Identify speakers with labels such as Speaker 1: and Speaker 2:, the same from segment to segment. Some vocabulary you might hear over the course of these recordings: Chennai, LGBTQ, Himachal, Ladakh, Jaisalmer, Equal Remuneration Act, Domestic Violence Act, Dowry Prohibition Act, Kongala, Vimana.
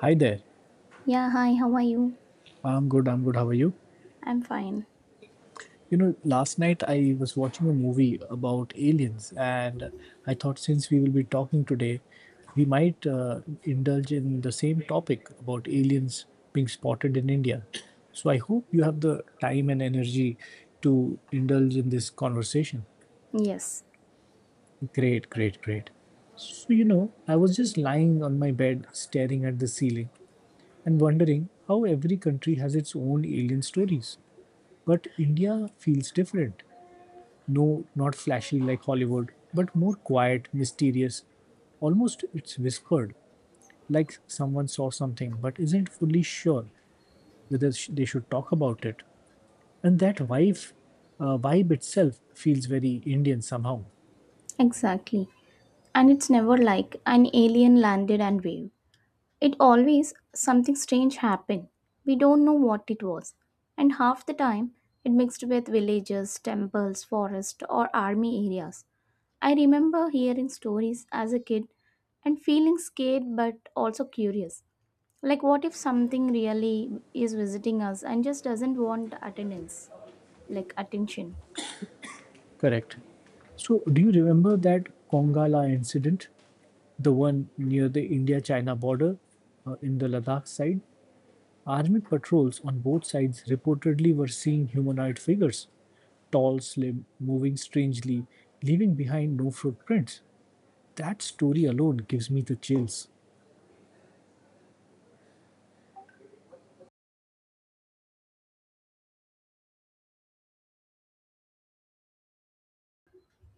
Speaker 1: Hi there.
Speaker 2: Yeah, hi, how are you?
Speaker 1: I'm good. I'm good. How are you?
Speaker 2: I'm fine.
Speaker 1: You know, last night I was watching a movie about aliens, and I thought since we will be talking today, we might indulge in the same topic about aliens being spotted in India. So I hope you have the time and energy to indulge in this conversation.
Speaker 2: Yes,
Speaker 1: Great, great, great. So, you know, I was just lying on my bed staring at the ceiling and wondering how every country has its own alien stories. But India feels different. No, not flashy like Hollywood, but more quiet, mysterious. Almost it's whispered, like someone saw something but isn't fully sure whether they should talk about it. And that vibe, vibe itself feels very Indian somehow.
Speaker 2: exactly. And it's never like an alien landed and waved. It always something strange happened. We don't know what it was. And half the time, it mixed with villages, temples, forest, or army areas. I remember hearing stories as a kid and feeling scared but also curious. Like, what if something really is visiting us and just doesn't want attendance, like attention?
Speaker 1: Correct. So, do you remember that Kongala incident, the one near the India China border in the Ladakh side? Army patrols on both sides reportedly were seeing humanoid figures, tall, slim, moving strangely, leaving behind no footprints. That story alone gives me the chills.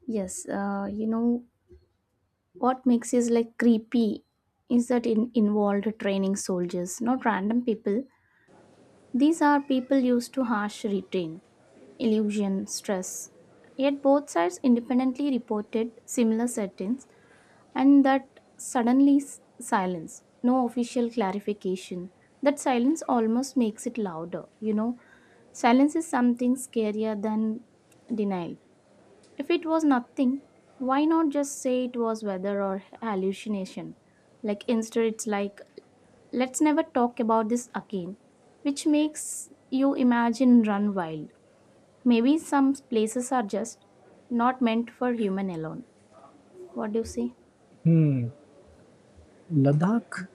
Speaker 2: Yes, you know what makes it like creepy is that it involved training soldiers, not random people. These are people used to harsh retain, illusion, stress. Yet both sides independently reported similar settings, and that suddenly silence, no official clarification. That silence almost makes it louder. You know, silence is something scarier than denial. If it was nothing, why not just say it was weather or hallucination? Like instead, it's like, let's never talk about this again, which makes you imagine run wild. Maybe some places are just not meant for human alone. What do you say?
Speaker 1: Ladakh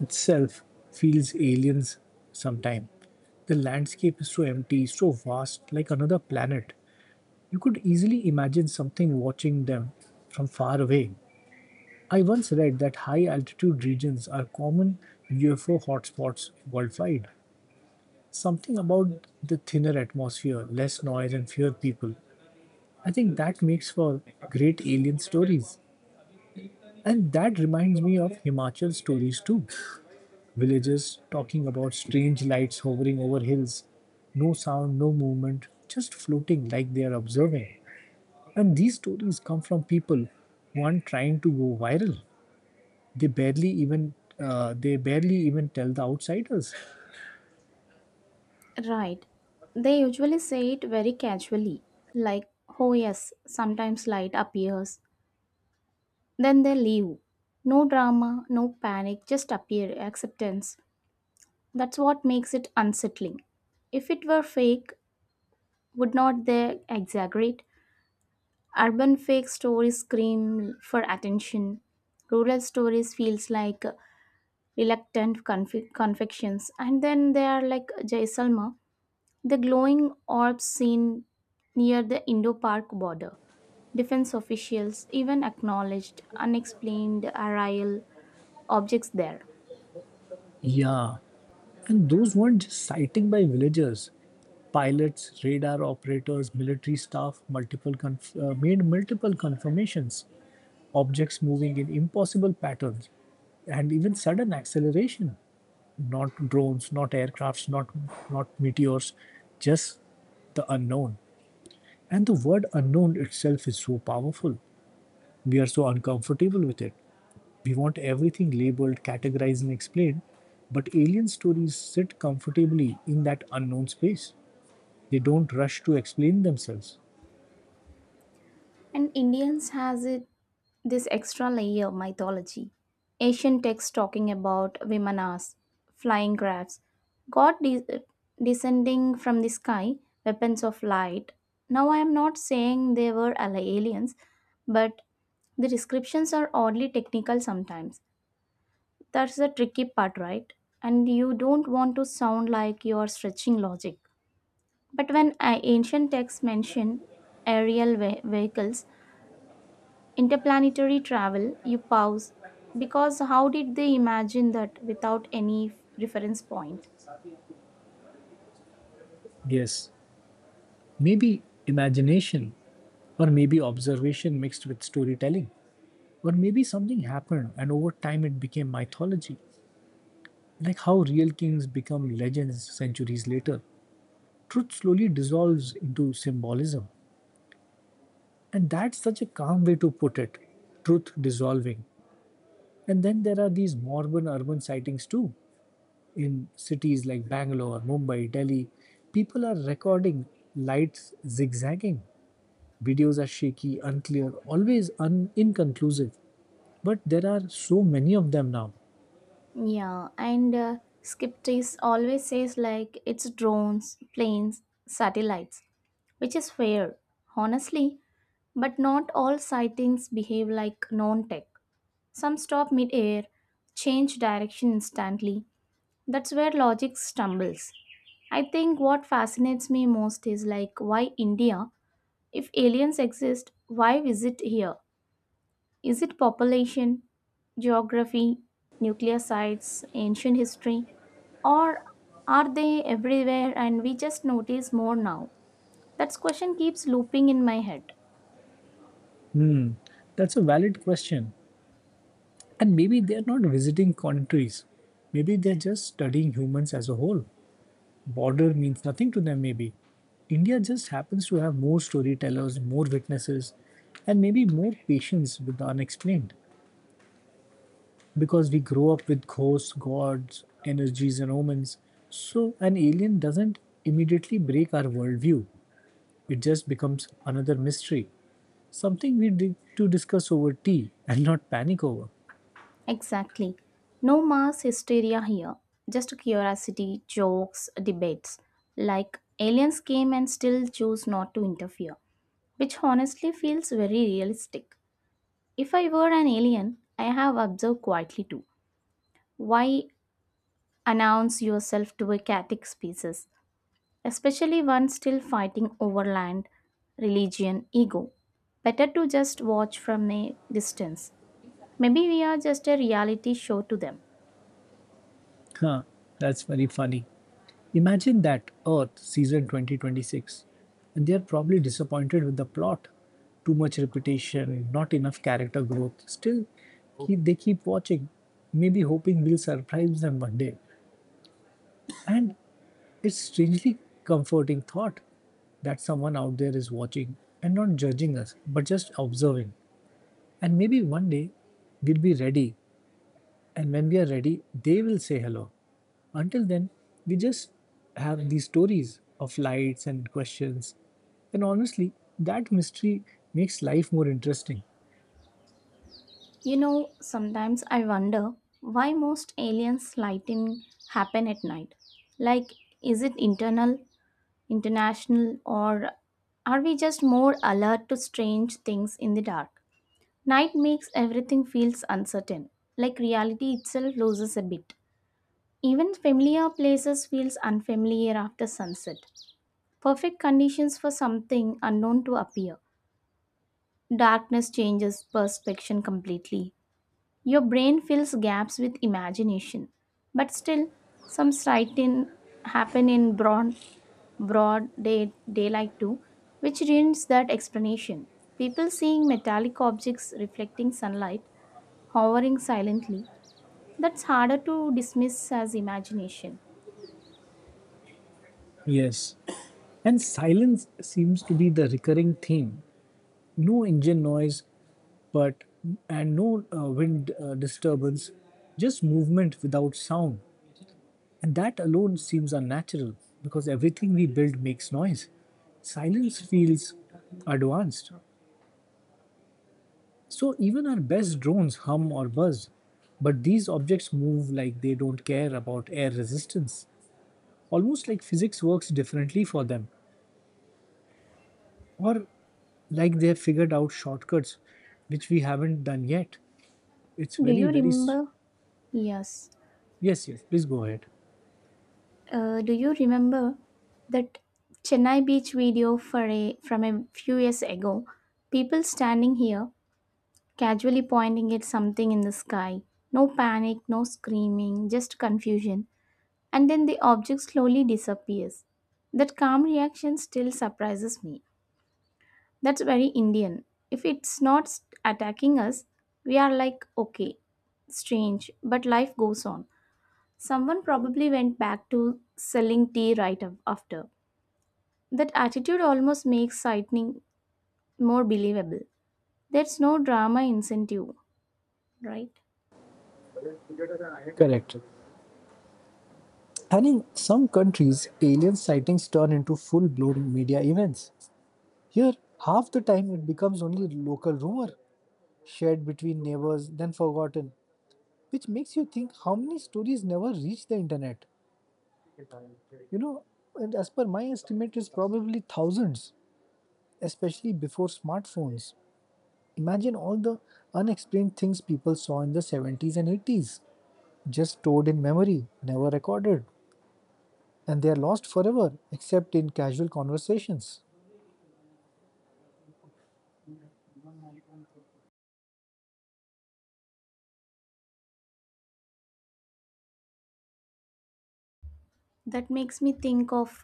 Speaker 1: itself feels alien sometimes. The landscape is so empty, so vast, like another planet. You could easily imagine something watching them from far away. I once read that high altitude regions are common UFO hotspots worldwide. Something about the thinner atmosphere, less noise, and fewer people. I think that makes for great alien stories. And that reminds me of Himachal stories too. Villagers talking about strange lights hovering over hills, no sound, no movement, just floating like they are observing. And these stories come from people who aren't trying to go viral. They barely even they barely even tell the outsiders.
Speaker 2: Right. They usually say it very casually, like, oh yes, sometimes light appears. Then they leave. No drama, no panic, just appear acceptance. That's what makes it unsettling. If it were fake, would not they exaggerate? Urban fake stories scream for attention. Rural stories feels like reluctant confections. And then they are like Jaisalmer, the glowing orbs seen near the indo park border. Defense officials even acknowledged unexplained aerial objects there.
Speaker 1: Yeah, and those weren't just sighting by villagers. Pilots, radar operators, military staff made multiple confirmations. Objects moving in impossible patterns and even sudden acceleration. Not drones, not aircrafts, not meteors, just the unknown. And the word unknown itself is so powerful. We are so uncomfortable with it. We want everything labeled, categorized, and explained, but alien stories sit comfortably in that unknown space. They don't rush to explain themselves.
Speaker 2: And Indians has it this extra layer of mythology. Asian texts talking about Vimanas, flying crafts, god descending from the sky, weapons of light. Now, I am not saying they were aliens, but the descriptions are oddly technical sometimes. That's the tricky part, right? And you don't want to sound like you are stretching logic. But when ancient texts mention aerial vehicles, interplanetary travel, you pause because how did they imagine that without any reference point?
Speaker 1: Yes, maybe imagination, or maybe observation mixed with storytelling. Or maybe something happened and over time it became mythology. Like how real kings become legends centuries later. Truth slowly dissolves into symbolism. And that's such a calm way to put it, truth dissolving. And then there are these modern urban sightings too. In cities like Bangalore, Mumbai, Delhi, people are recording lights zigzagging. Videos are shaky, unclear, always inconclusive. But there are so many of them now.
Speaker 2: Yeah, and Skeptis always says like it's drones, planes, satellites, which is fair, honestly, but not all sightings behave like non tech. Some stop mid air, change direction instantly. That's where logic stumbles. I think what fascinates me most is like why India. If aliens exist, why visit here? Is it population, geography, nuclear sites, ancient history, or are they everywhere and we just notice more now? That question keeps looping in my head.
Speaker 1: Hmm, that's a valid question. And maybe they're not visiting countries. Maybe they're just studying humans as a whole. Border means nothing to them, maybe. India just happens to have more storytellers, more witnesses, and maybe more patience with the unexplained. Because we grow up with ghosts, gods, energies, and omens, so an alien doesn't immediately break our worldview. It just becomes another mystery, something we did to discuss over tea and not panic over.
Speaker 2: Exactly. No mass hysteria here. Just curiosity, jokes, debates. Like aliens came and still choose not to interfere, which honestly feels very realistic. If I were an alien, I have observed quietly too. Why announce yourself to a chaotic species, especially one still fighting over land, religion, ego? Better to just watch from a distance. Maybe we are just a reality show to them.
Speaker 1: Huh, that's very funny. Imagine that Earth season 2026, and they are probably disappointed with the plot. Too much repetition, not enough character growth. Still, they keep watching, maybe hoping we'll surprise them one day. And it's strangely comforting thought that someone out there is watching and not judging us, but just observing. And maybe one day we'll be ready. And when we are ready, they will say hello. Until then, we just have these stories of lights and questions. And honestly, that mystery makes life more interesting.
Speaker 2: You know, sometimes I wonder why most alien sighting happen at night. Like, is it internal, international, or are we just more alert to strange things in the dark? Night makes everything feels uncertain, like reality itself loses a bit. Even familiar places feels unfamiliar after sunset. Perfect conditions for something unknown to appear. Darkness changes perception completely. Your brain fills gaps with imagination. But still, some sighting happen in broad day, daylight too, which ruins that explanation. People seeing metallic objects reflecting sunlight hovering silently, that's harder to dismiss as imagination.
Speaker 1: Yes. And silence seems to be the recurring theme. No engine noise, but and no wind disturbance, just movement without sound. And that alone seems unnatural because everything we build makes noise. Silence feels advanced. So even our best drones hum or buzz. But these objects move like they don't care about air resistance, almost like physics works differently for them, or like they have figured out shortcuts which we haven't done yet. It's
Speaker 2: Do
Speaker 1: very,
Speaker 2: you
Speaker 1: very. S
Speaker 2: remember? Yes.
Speaker 1: Yes, yes, please go ahead.
Speaker 2: Do you remember that Chennai beach video from a few years ago? People standing here, casually pointing at something in the sky. No panic, no screaming, just confusion. And then the object slowly disappears. That calm reaction still surprises me. That's very Indian. If it's not attacking us, we are like, okay, strange, but life goes on. Someone probably went back to selling tea right after. That attitude almost makes sightning more believable. There's no drama incentive, right?
Speaker 1: Correct. And in some countries, alien sightings turn into full blown media events. Here, half the time it becomes only local rumor, shared between neighbors, then forgotten, which makes you think how many stories never reach the internet. You know, and as per my estimate, it's probably thousands, especially before smartphones. Imagine all the unexplained things people saw in the 70s and 80s, just stored in memory, never recorded, and they are lost forever, except in casual conversations.
Speaker 2: That makes me think of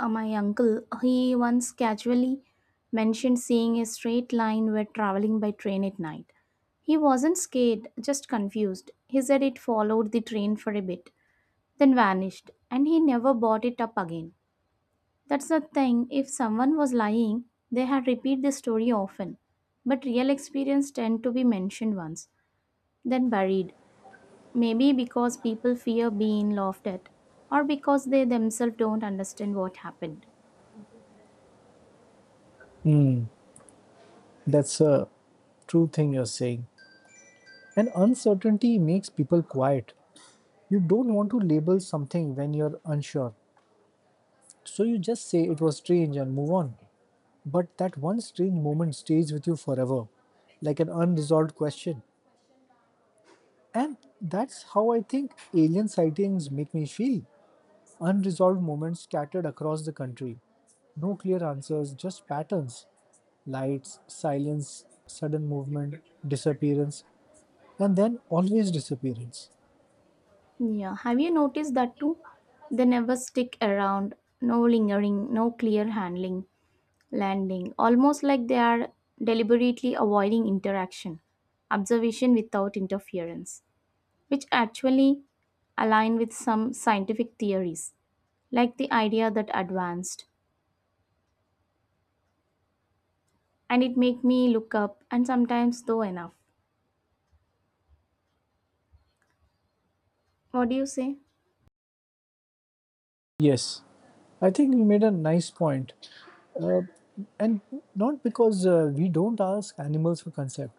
Speaker 2: my uncle. He once casually mentioned seeing a straight line while traveling by train at night. He wasn't scared, just confused. He said it followed the train for a bit, then vanished, and he never brought it up again. That's the thing, if someone was lying, they had repeat the story often. But real experience tend to be mentioned once, then buried. Maybe because people fear being laughed at, or because they themselves don't understand what happened.
Speaker 1: That's a true thing you're saying. And uncertainty makes people quiet. You don't want to label something when you're unsure. So you just say it was strange and move on. But that one strange moment stays with you forever, like an unresolved question. And that's how I think alien sightings make me feel. Unresolved moments scattered across the country. No clear answers, just patterns. Lights, silence, sudden movement, disappearance, and then always disappearance.
Speaker 2: Yeah, have you noticed that too? They never stick around, no lingering, no clear handling, landing, almost like they are deliberately avoiding interaction, observation without interference, which actually align with some scientific theories, like the idea that advanced, and it make me look up and sometimes though enough. What do you say?
Speaker 1: Yes, I think you made a nice point. And not because we don't ask animals for consent,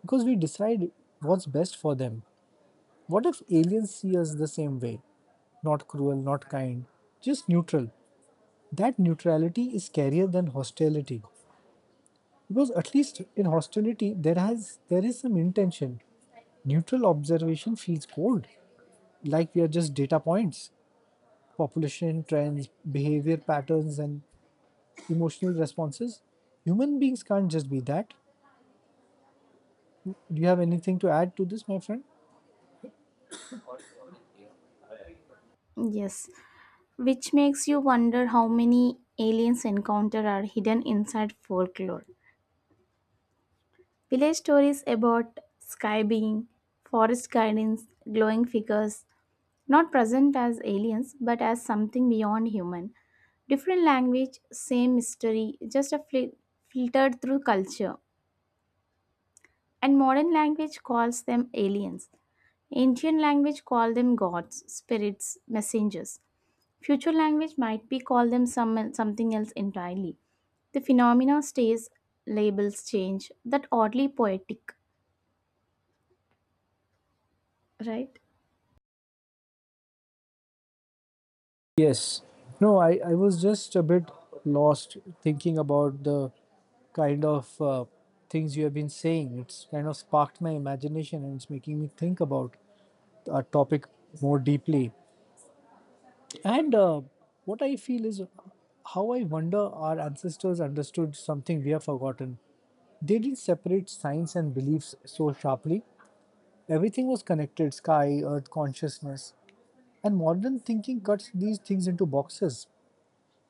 Speaker 1: because we decide what's best for them. What if aliens see us the same way? Not cruel, not kind, just neutral. That neutrality is scarier than hostility. Because at least in hostility, there is some intention. Neutral observation feels cold, like we are just data points, population trends, behavior patterns, and emotional responses. Human beings can't just be that. Do you have anything to add to this, my friend?
Speaker 2: Yes, which makes you wonder how many aliens encounter are hidden inside folklore. Village stories about sky being, forest gardens, glowing figures, not present as aliens but as something beyond human. Different language, same mystery, just a filtered through culture. And modern language calls them aliens. Ancient language call them gods, spirits, messengers. Future language might be call them something else entirely. The phenomena stays, labels change. That oddly poetic, right?
Speaker 1: Yes. No, I was just a bit lost thinking about the kind of things you have been saying. It's kind of sparked my imagination and it's making me think about our topic more deeply. And what I feel is how I wonder our ancestors understood something we have forgotten. They didn't separate science and beliefs so sharply. Everything was connected, sky, earth, consciousness. And modern thinking cuts these things into boxes.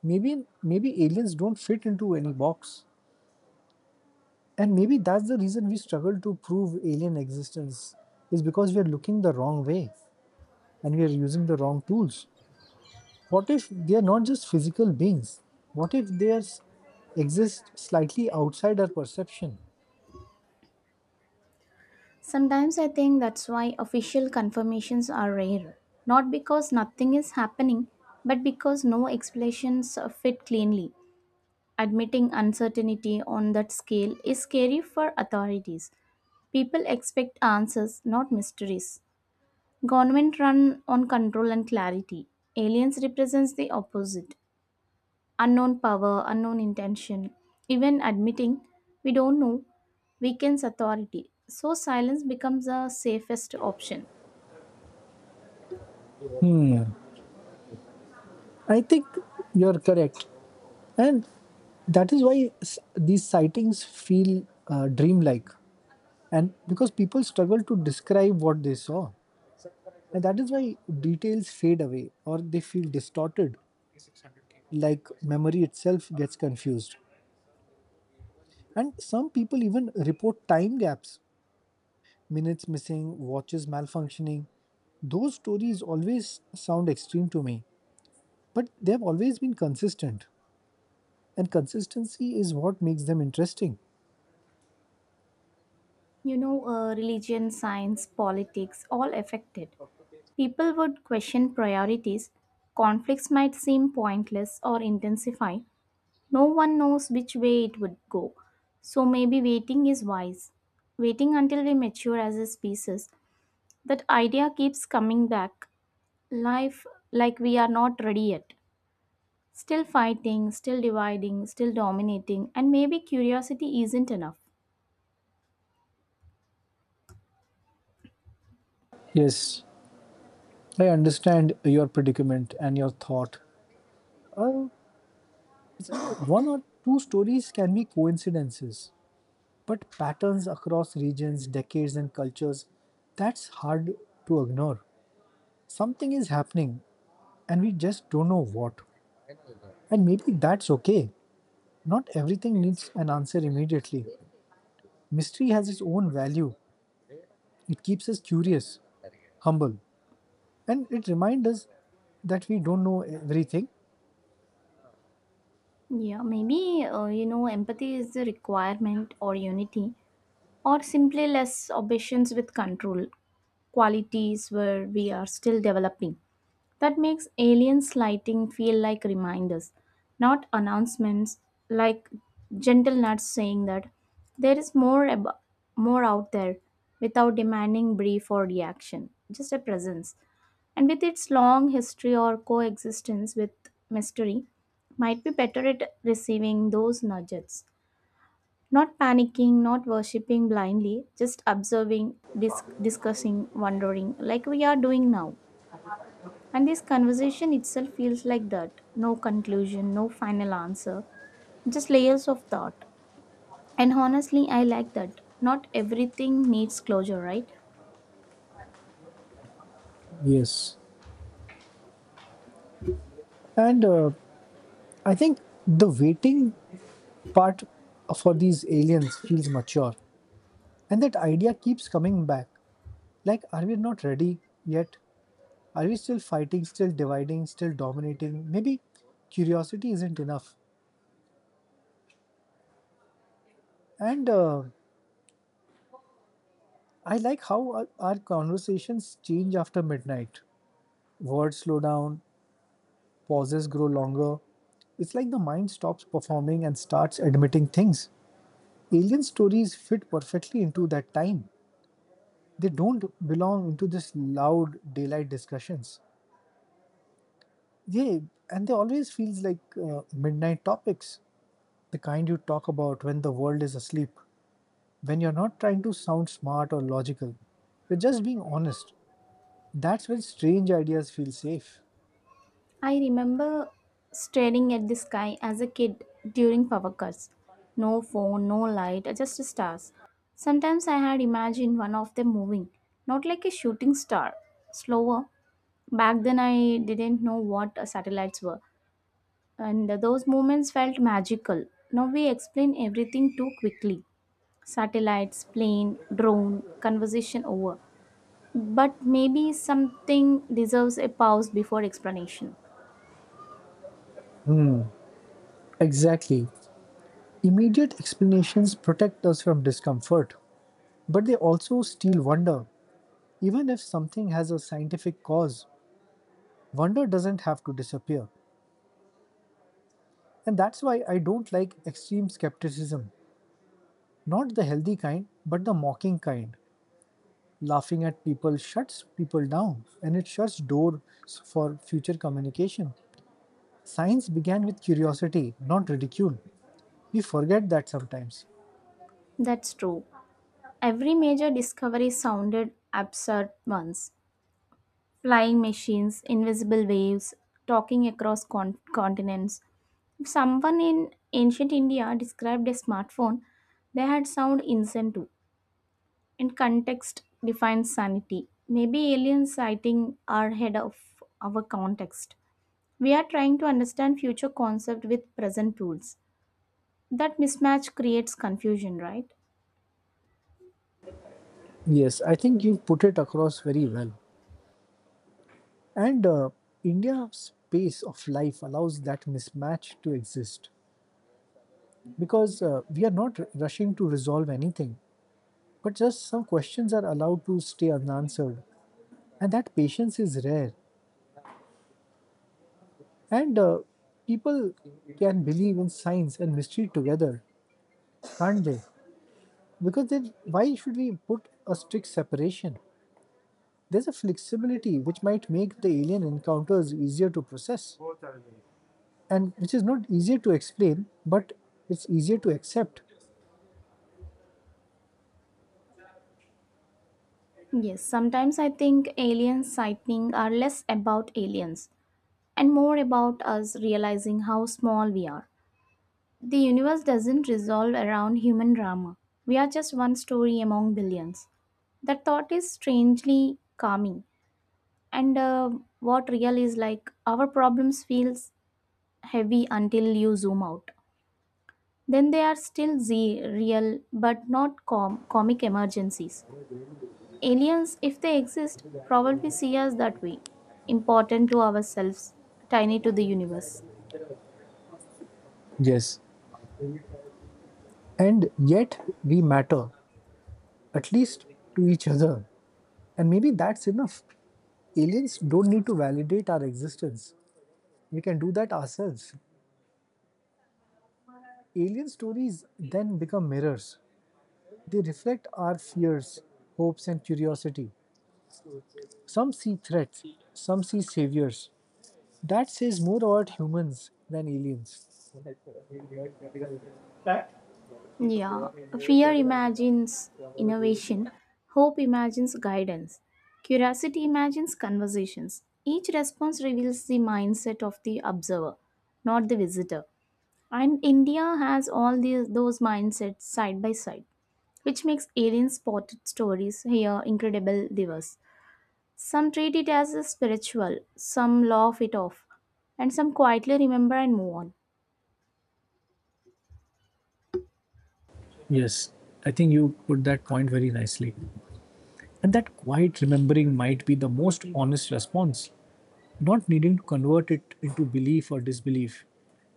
Speaker 1: Maybe aliens don't fit into any box, and maybe that's the reason we struggle to prove alien existence is because we are looking the wrong way and we are using the wrong tools. What if they are not just physical beings? What if they, are, exist slightly outside our perception?
Speaker 2: Sometimes I think that's why official confirmations are rare. Not because nothing is happening, but because no explanations fit cleanly. Admitting uncertainty on that scale is scary for authorities. People expect answers, not mysteries. Government run on control and clarity. Aliens represents the opposite. Unknown power, unknown intention. Even admitting we don't know weakens authority. So silence becomes the safest option.
Speaker 1: I think you're correct, and that is why these sightings feel dreamlike, and because people struggle to describe what they saw. And that is why details fade away or they feel distorted, like memory itself gets confused. And some people even report time gaps, minutes missing, watches malfunctioning. Those stories always sound extreme to me, but they've always been consistent. And consistency is what makes them interesting.
Speaker 2: You know, religion, science, politics, all affected. People would question priorities, conflicts might seem pointless or intensify. No one knows which way it would go. So maybe waiting is wise. Waiting until we mature as a species. That idea keeps coming back. Life like we are not ready yet. Still fighting, still dividing, still dominating, and maybe curiosity isn't enough.
Speaker 1: Yes, I understand your predicament and your thought. One or two stories can be coincidences, but patterns across regions, decades, and cultures, that's hard to ignore. Something is happening, and we just don't know what. And maybe that's okay. Not everything needs an answer immediately. Mystery has its own value, it keeps us curious, humble, and it reminds us that we don't know everything.
Speaker 2: Yeah, maybe you know, empathy is the requirement or unity, or simply less obsessions with control qualities where we are still developing. That makes alien sighting feel like reminders, not announcements, like gentle nuts saying that there is more out there without demanding brief or reaction, just a presence. And with its long history or coexistence with mystery, might be better at receiving those nudges. Not panicking, not worshipping blindly, just observing, discussing, wondering, like we are doing now. And this conversation itself feels like that no conclusion, no final answer, just layers of thought. And honestly, I like that. Not everything needs closure, right?
Speaker 1: Yes. And I think the waiting part for these aliens feels mature. And that idea keeps coming back. Like, are we not ready yet? Are we still fighting, still dividing, still dominating? Maybe curiosity isn't enough. And I like how our conversations change after midnight. Words slow down, pauses grow longer. It's like the mind stops performing and starts admitting things. Alien stories fit perfectly into that time. They don't belong into this loud daylight discussions. Yeah, and they always feels like midnight topics. The kind you talk about when the world is asleep, when you're not trying to sound smart or logical. You're just being honest. That's when strange ideas feel safe.
Speaker 2: I remember staring at the sky as a kid during power cuts. No phone, no light, just stars. Sometimes I had imagined one of them moving, not like a shooting star, slower. Back then, I didn't know what satellites were and those moments felt magical. Now we explain everything too quickly, satellites, plane, drone, conversation over. But maybe something deserves a pause before explanation.
Speaker 1: Exactly. Immediate explanations protect us from discomfort, but they also steal wonder. Even if something has a scientific cause, wonder doesn't have to disappear. And that's why I don't like extreme skepticism. Not the healthy kind, but the mocking kind. Laughing at people shuts people down and it shuts doors for future communication. Science began with curiosity, not ridicule. We forget that sometimes.
Speaker 2: That's true. Every major discovery sounded absurd once, flying machines, invisible waves, talking across continents. If someone in ancient India described a smartphone, they had sound insane too. And context defines sanity. Maybe alien sighting are ahead of our context. We are trying to understand future concept with present tools. That mismatch creates confusion, right?
Speaker 1: Yes, I think you put it across very well. And India's pace of life allows that mismatch to exist because we are not rushing to resolve anything, but just some questions are allowed to stay unanswered. And that patience is rare. And people can believe in science and mystery together, can't they? Because then why should we put a strict separation? There's a flexibility which might make the alien encounters easier to process, and which is not easier to explain, but it's easier to accept.
Speaker 2: Yes, sometimes I think alien sighting are less about aliens and more about us realizing how small we are. The universe doesn't resolve around human drama. We are just one story among billions. That thought is strangely calming. And what real is like our problems feels heavy until you zoom out, then they are still z real but not comic emergencies. Aliens, if they exist, probably see us that way, important to ourselves, tiny to the universe.
Speaker 1: Yes, and yet we matter, at least to each other. And maybe that's enough. Aliens don't need to validate our existence, we can do that ourselves. Alien stories then become mirrors, they reflect our fears, hopes, and curiosity. Some see threats, some see saviors. That says more about humans than aliens.
Speaker 2: Yeah, fear imagines innovation, hope imagines guidance, curiosity imagines conversations. Each response reveals the mindset of the observer, not the visitor. And India has all those mindsets side by side, which makes alien spotted stories here incredible diverse. Some treat it as a spiritual, some laugh it off, and some quietly remember and move on.
Speaker 1: Yes, I think you put that point very nicely. And that quiet remembering might be the most honest response, not needing to convert it into belief or disbelief.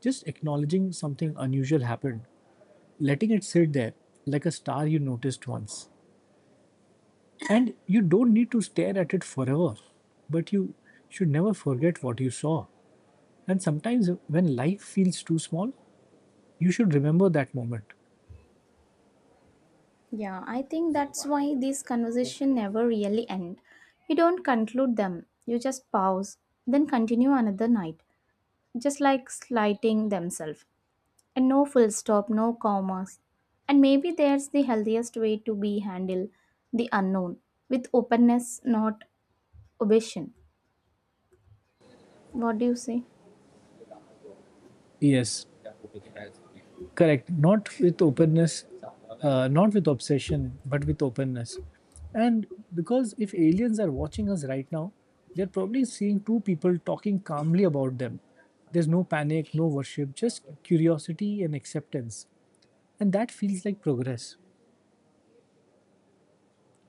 Speaker 1: Just acknowledging something unusual happened, letting it sit there like a star you noticed once. And you don't need to stare at it forever, but you should never forget what you saw. And sometimes when life feels too small, you should remember that moment.
Speaker 2: Yeah, I think that's why these conversation never really end. You don't conclude them, you just pause, then continue another night, just like slighting themselves. And no full stop, no commas. And maybe there's the healthiest way to be handle the unknown with openness, not obsession. What do you say?
Speaker 1: Yes, correct, not with openness, not with obsession, but with openness. And because if aliens are watching us right now, they're probably seeing two people talking calmly about them. There's no panic, no worship, just curiosity and acceptance. And that feels like progress.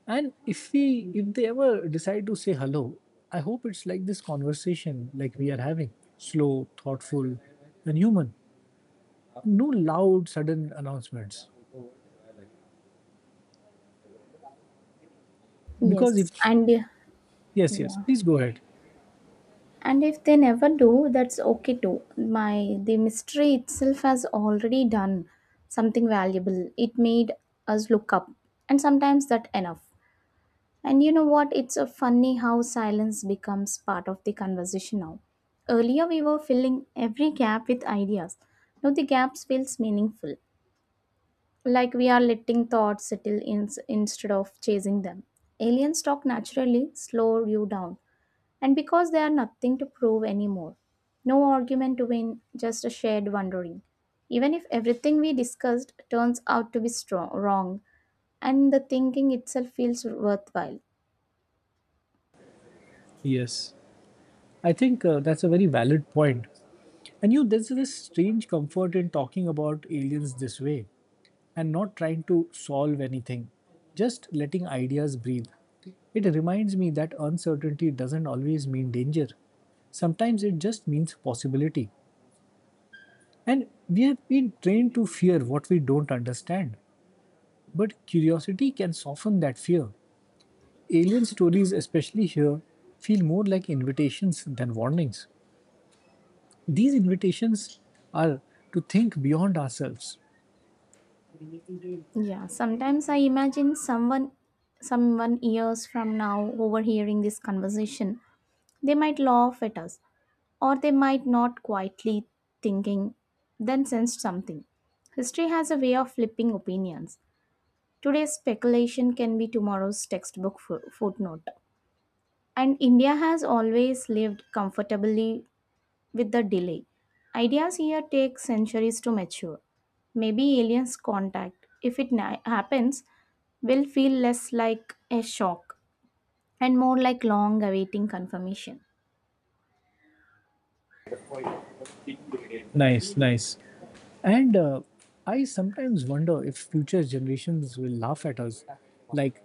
Speaker 1: And if we If they ever decide to say hello, I hope it's like this conversation like we are having, slow, thoughtful, and human, no loud sudden announcements. Because
Speaker 2: Yes,
Speaker 1: if
Speaker 2: and
Speaker 1: Yes, yes,
Speaker 2: yeah,
Speaker 1: please go ahead.
Speaker 2: and if they never do, that's okay too. My the mystery itself has already done something valuable. It made us look up, and sometimes that enough. And you know what? It's a funny how silence becomes part of the conversation now. Earlier, we were filling every gap with ideas. Now the gaps feels meaningful, like we are letting thoughts settle in instead of chasing them. Aliens talk naturally, slow you down, and because they are nothing to prove anymore. No argument to win, just a shared wondering. Even if everything we discussed turns out to be strong, wrong, and the thinking itself feels worthwhile.
Speaker 1: Yes, I think that's a very valid point. And you, there's this strange comfort in talking about aliens this way and not trying to solve anything, just letting ideas breathe. It reminds me that uncertainty doesn't always mean danger, sometimes it just means possibility. And we have been trained to fear what we don't understand, but curiosity can soften that fear. Alien stories, especially here, feel more like invitations than warnings. These invitations are to think beyond ourselves.
Speaker 2: Yeah, sometimes I imagine someone years from now overhearing this conversation. They might laugh at us or they might not quietly thinking then sensed something. History has a way of flipping opinions. Today's speculation can be tomorrow's textbook footnote. And India has always lived comfortably with the delay. Ideas here take centuries to mature. Maybe aliens' contact, if it happens, will feel less like a shock and more like long awaiting confirmation.
Speaker 1: Nice, nice. And I sometimes wonder if future generations will laugh at us, like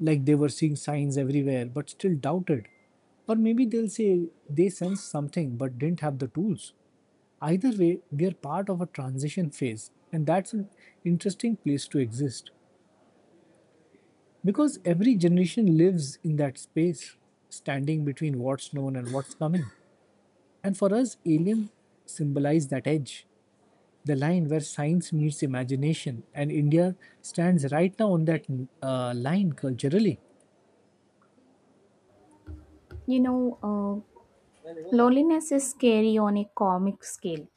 Speaker 1: like they were seeing signs everywhere but still doubted, or maybe they'll say they sensed something but didn't have the tools. Either way, we are part of a transition phase, and that's an interesting place to exist. Because every generation lives in that space, standing between what's known and what's coming. And for us, aliens symbolize that edge, the line where science meets imagination. And India stands right now on that line culturally.
Speaker 2: You know, loneliness is scary on a cosmic scale.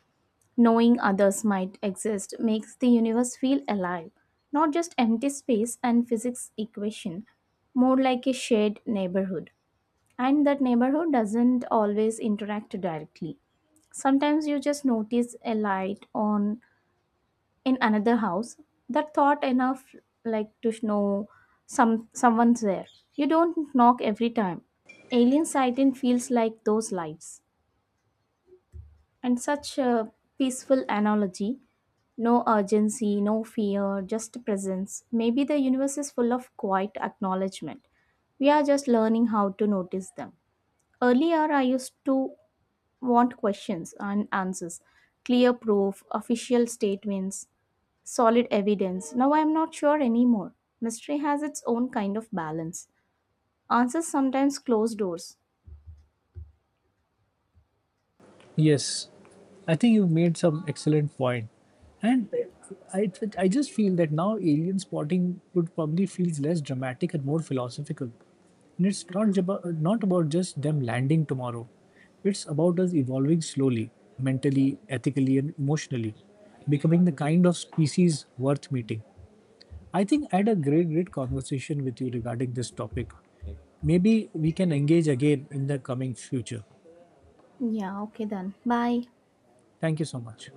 Speaker 2: Knowing others might exist makes the universe feel alive, not just empty space and physics equation, more like a shared neighborhood. And that neighborhood doesn't always interact directly. Sometimes you just notice a light on in another house, that thought enough, like to know someone's there. You don't knock every time. Alien sighting feels like those lights and such a peaceful analogy. No urgency, no fear, just presence. Maybe the universe is full of quiet acknowledgement we are just learning how to notice them. Earlier I used to want questions and answers, clear proof, official statements, solid evidence. Now I am not sure anymore. Mystery has its own kind of balance. Answers sometimes close doors.
Speaker 1: Yes, I think you've made some excellent point, and I I just feel that now alien spotting would probably feel less dramatic and more philosophical. And it's not not about just them landing tomorrow. It's about us evolving slowly, mentally, ethically, and emotionally, becoming the kind of species worth meeting. I think I had a great, great conversation with you regarding this topic. Maybe we can engage again in the coming future.
Speaker 2: Yeah, okay then. Bye.
Speaker 1: Thank you so much.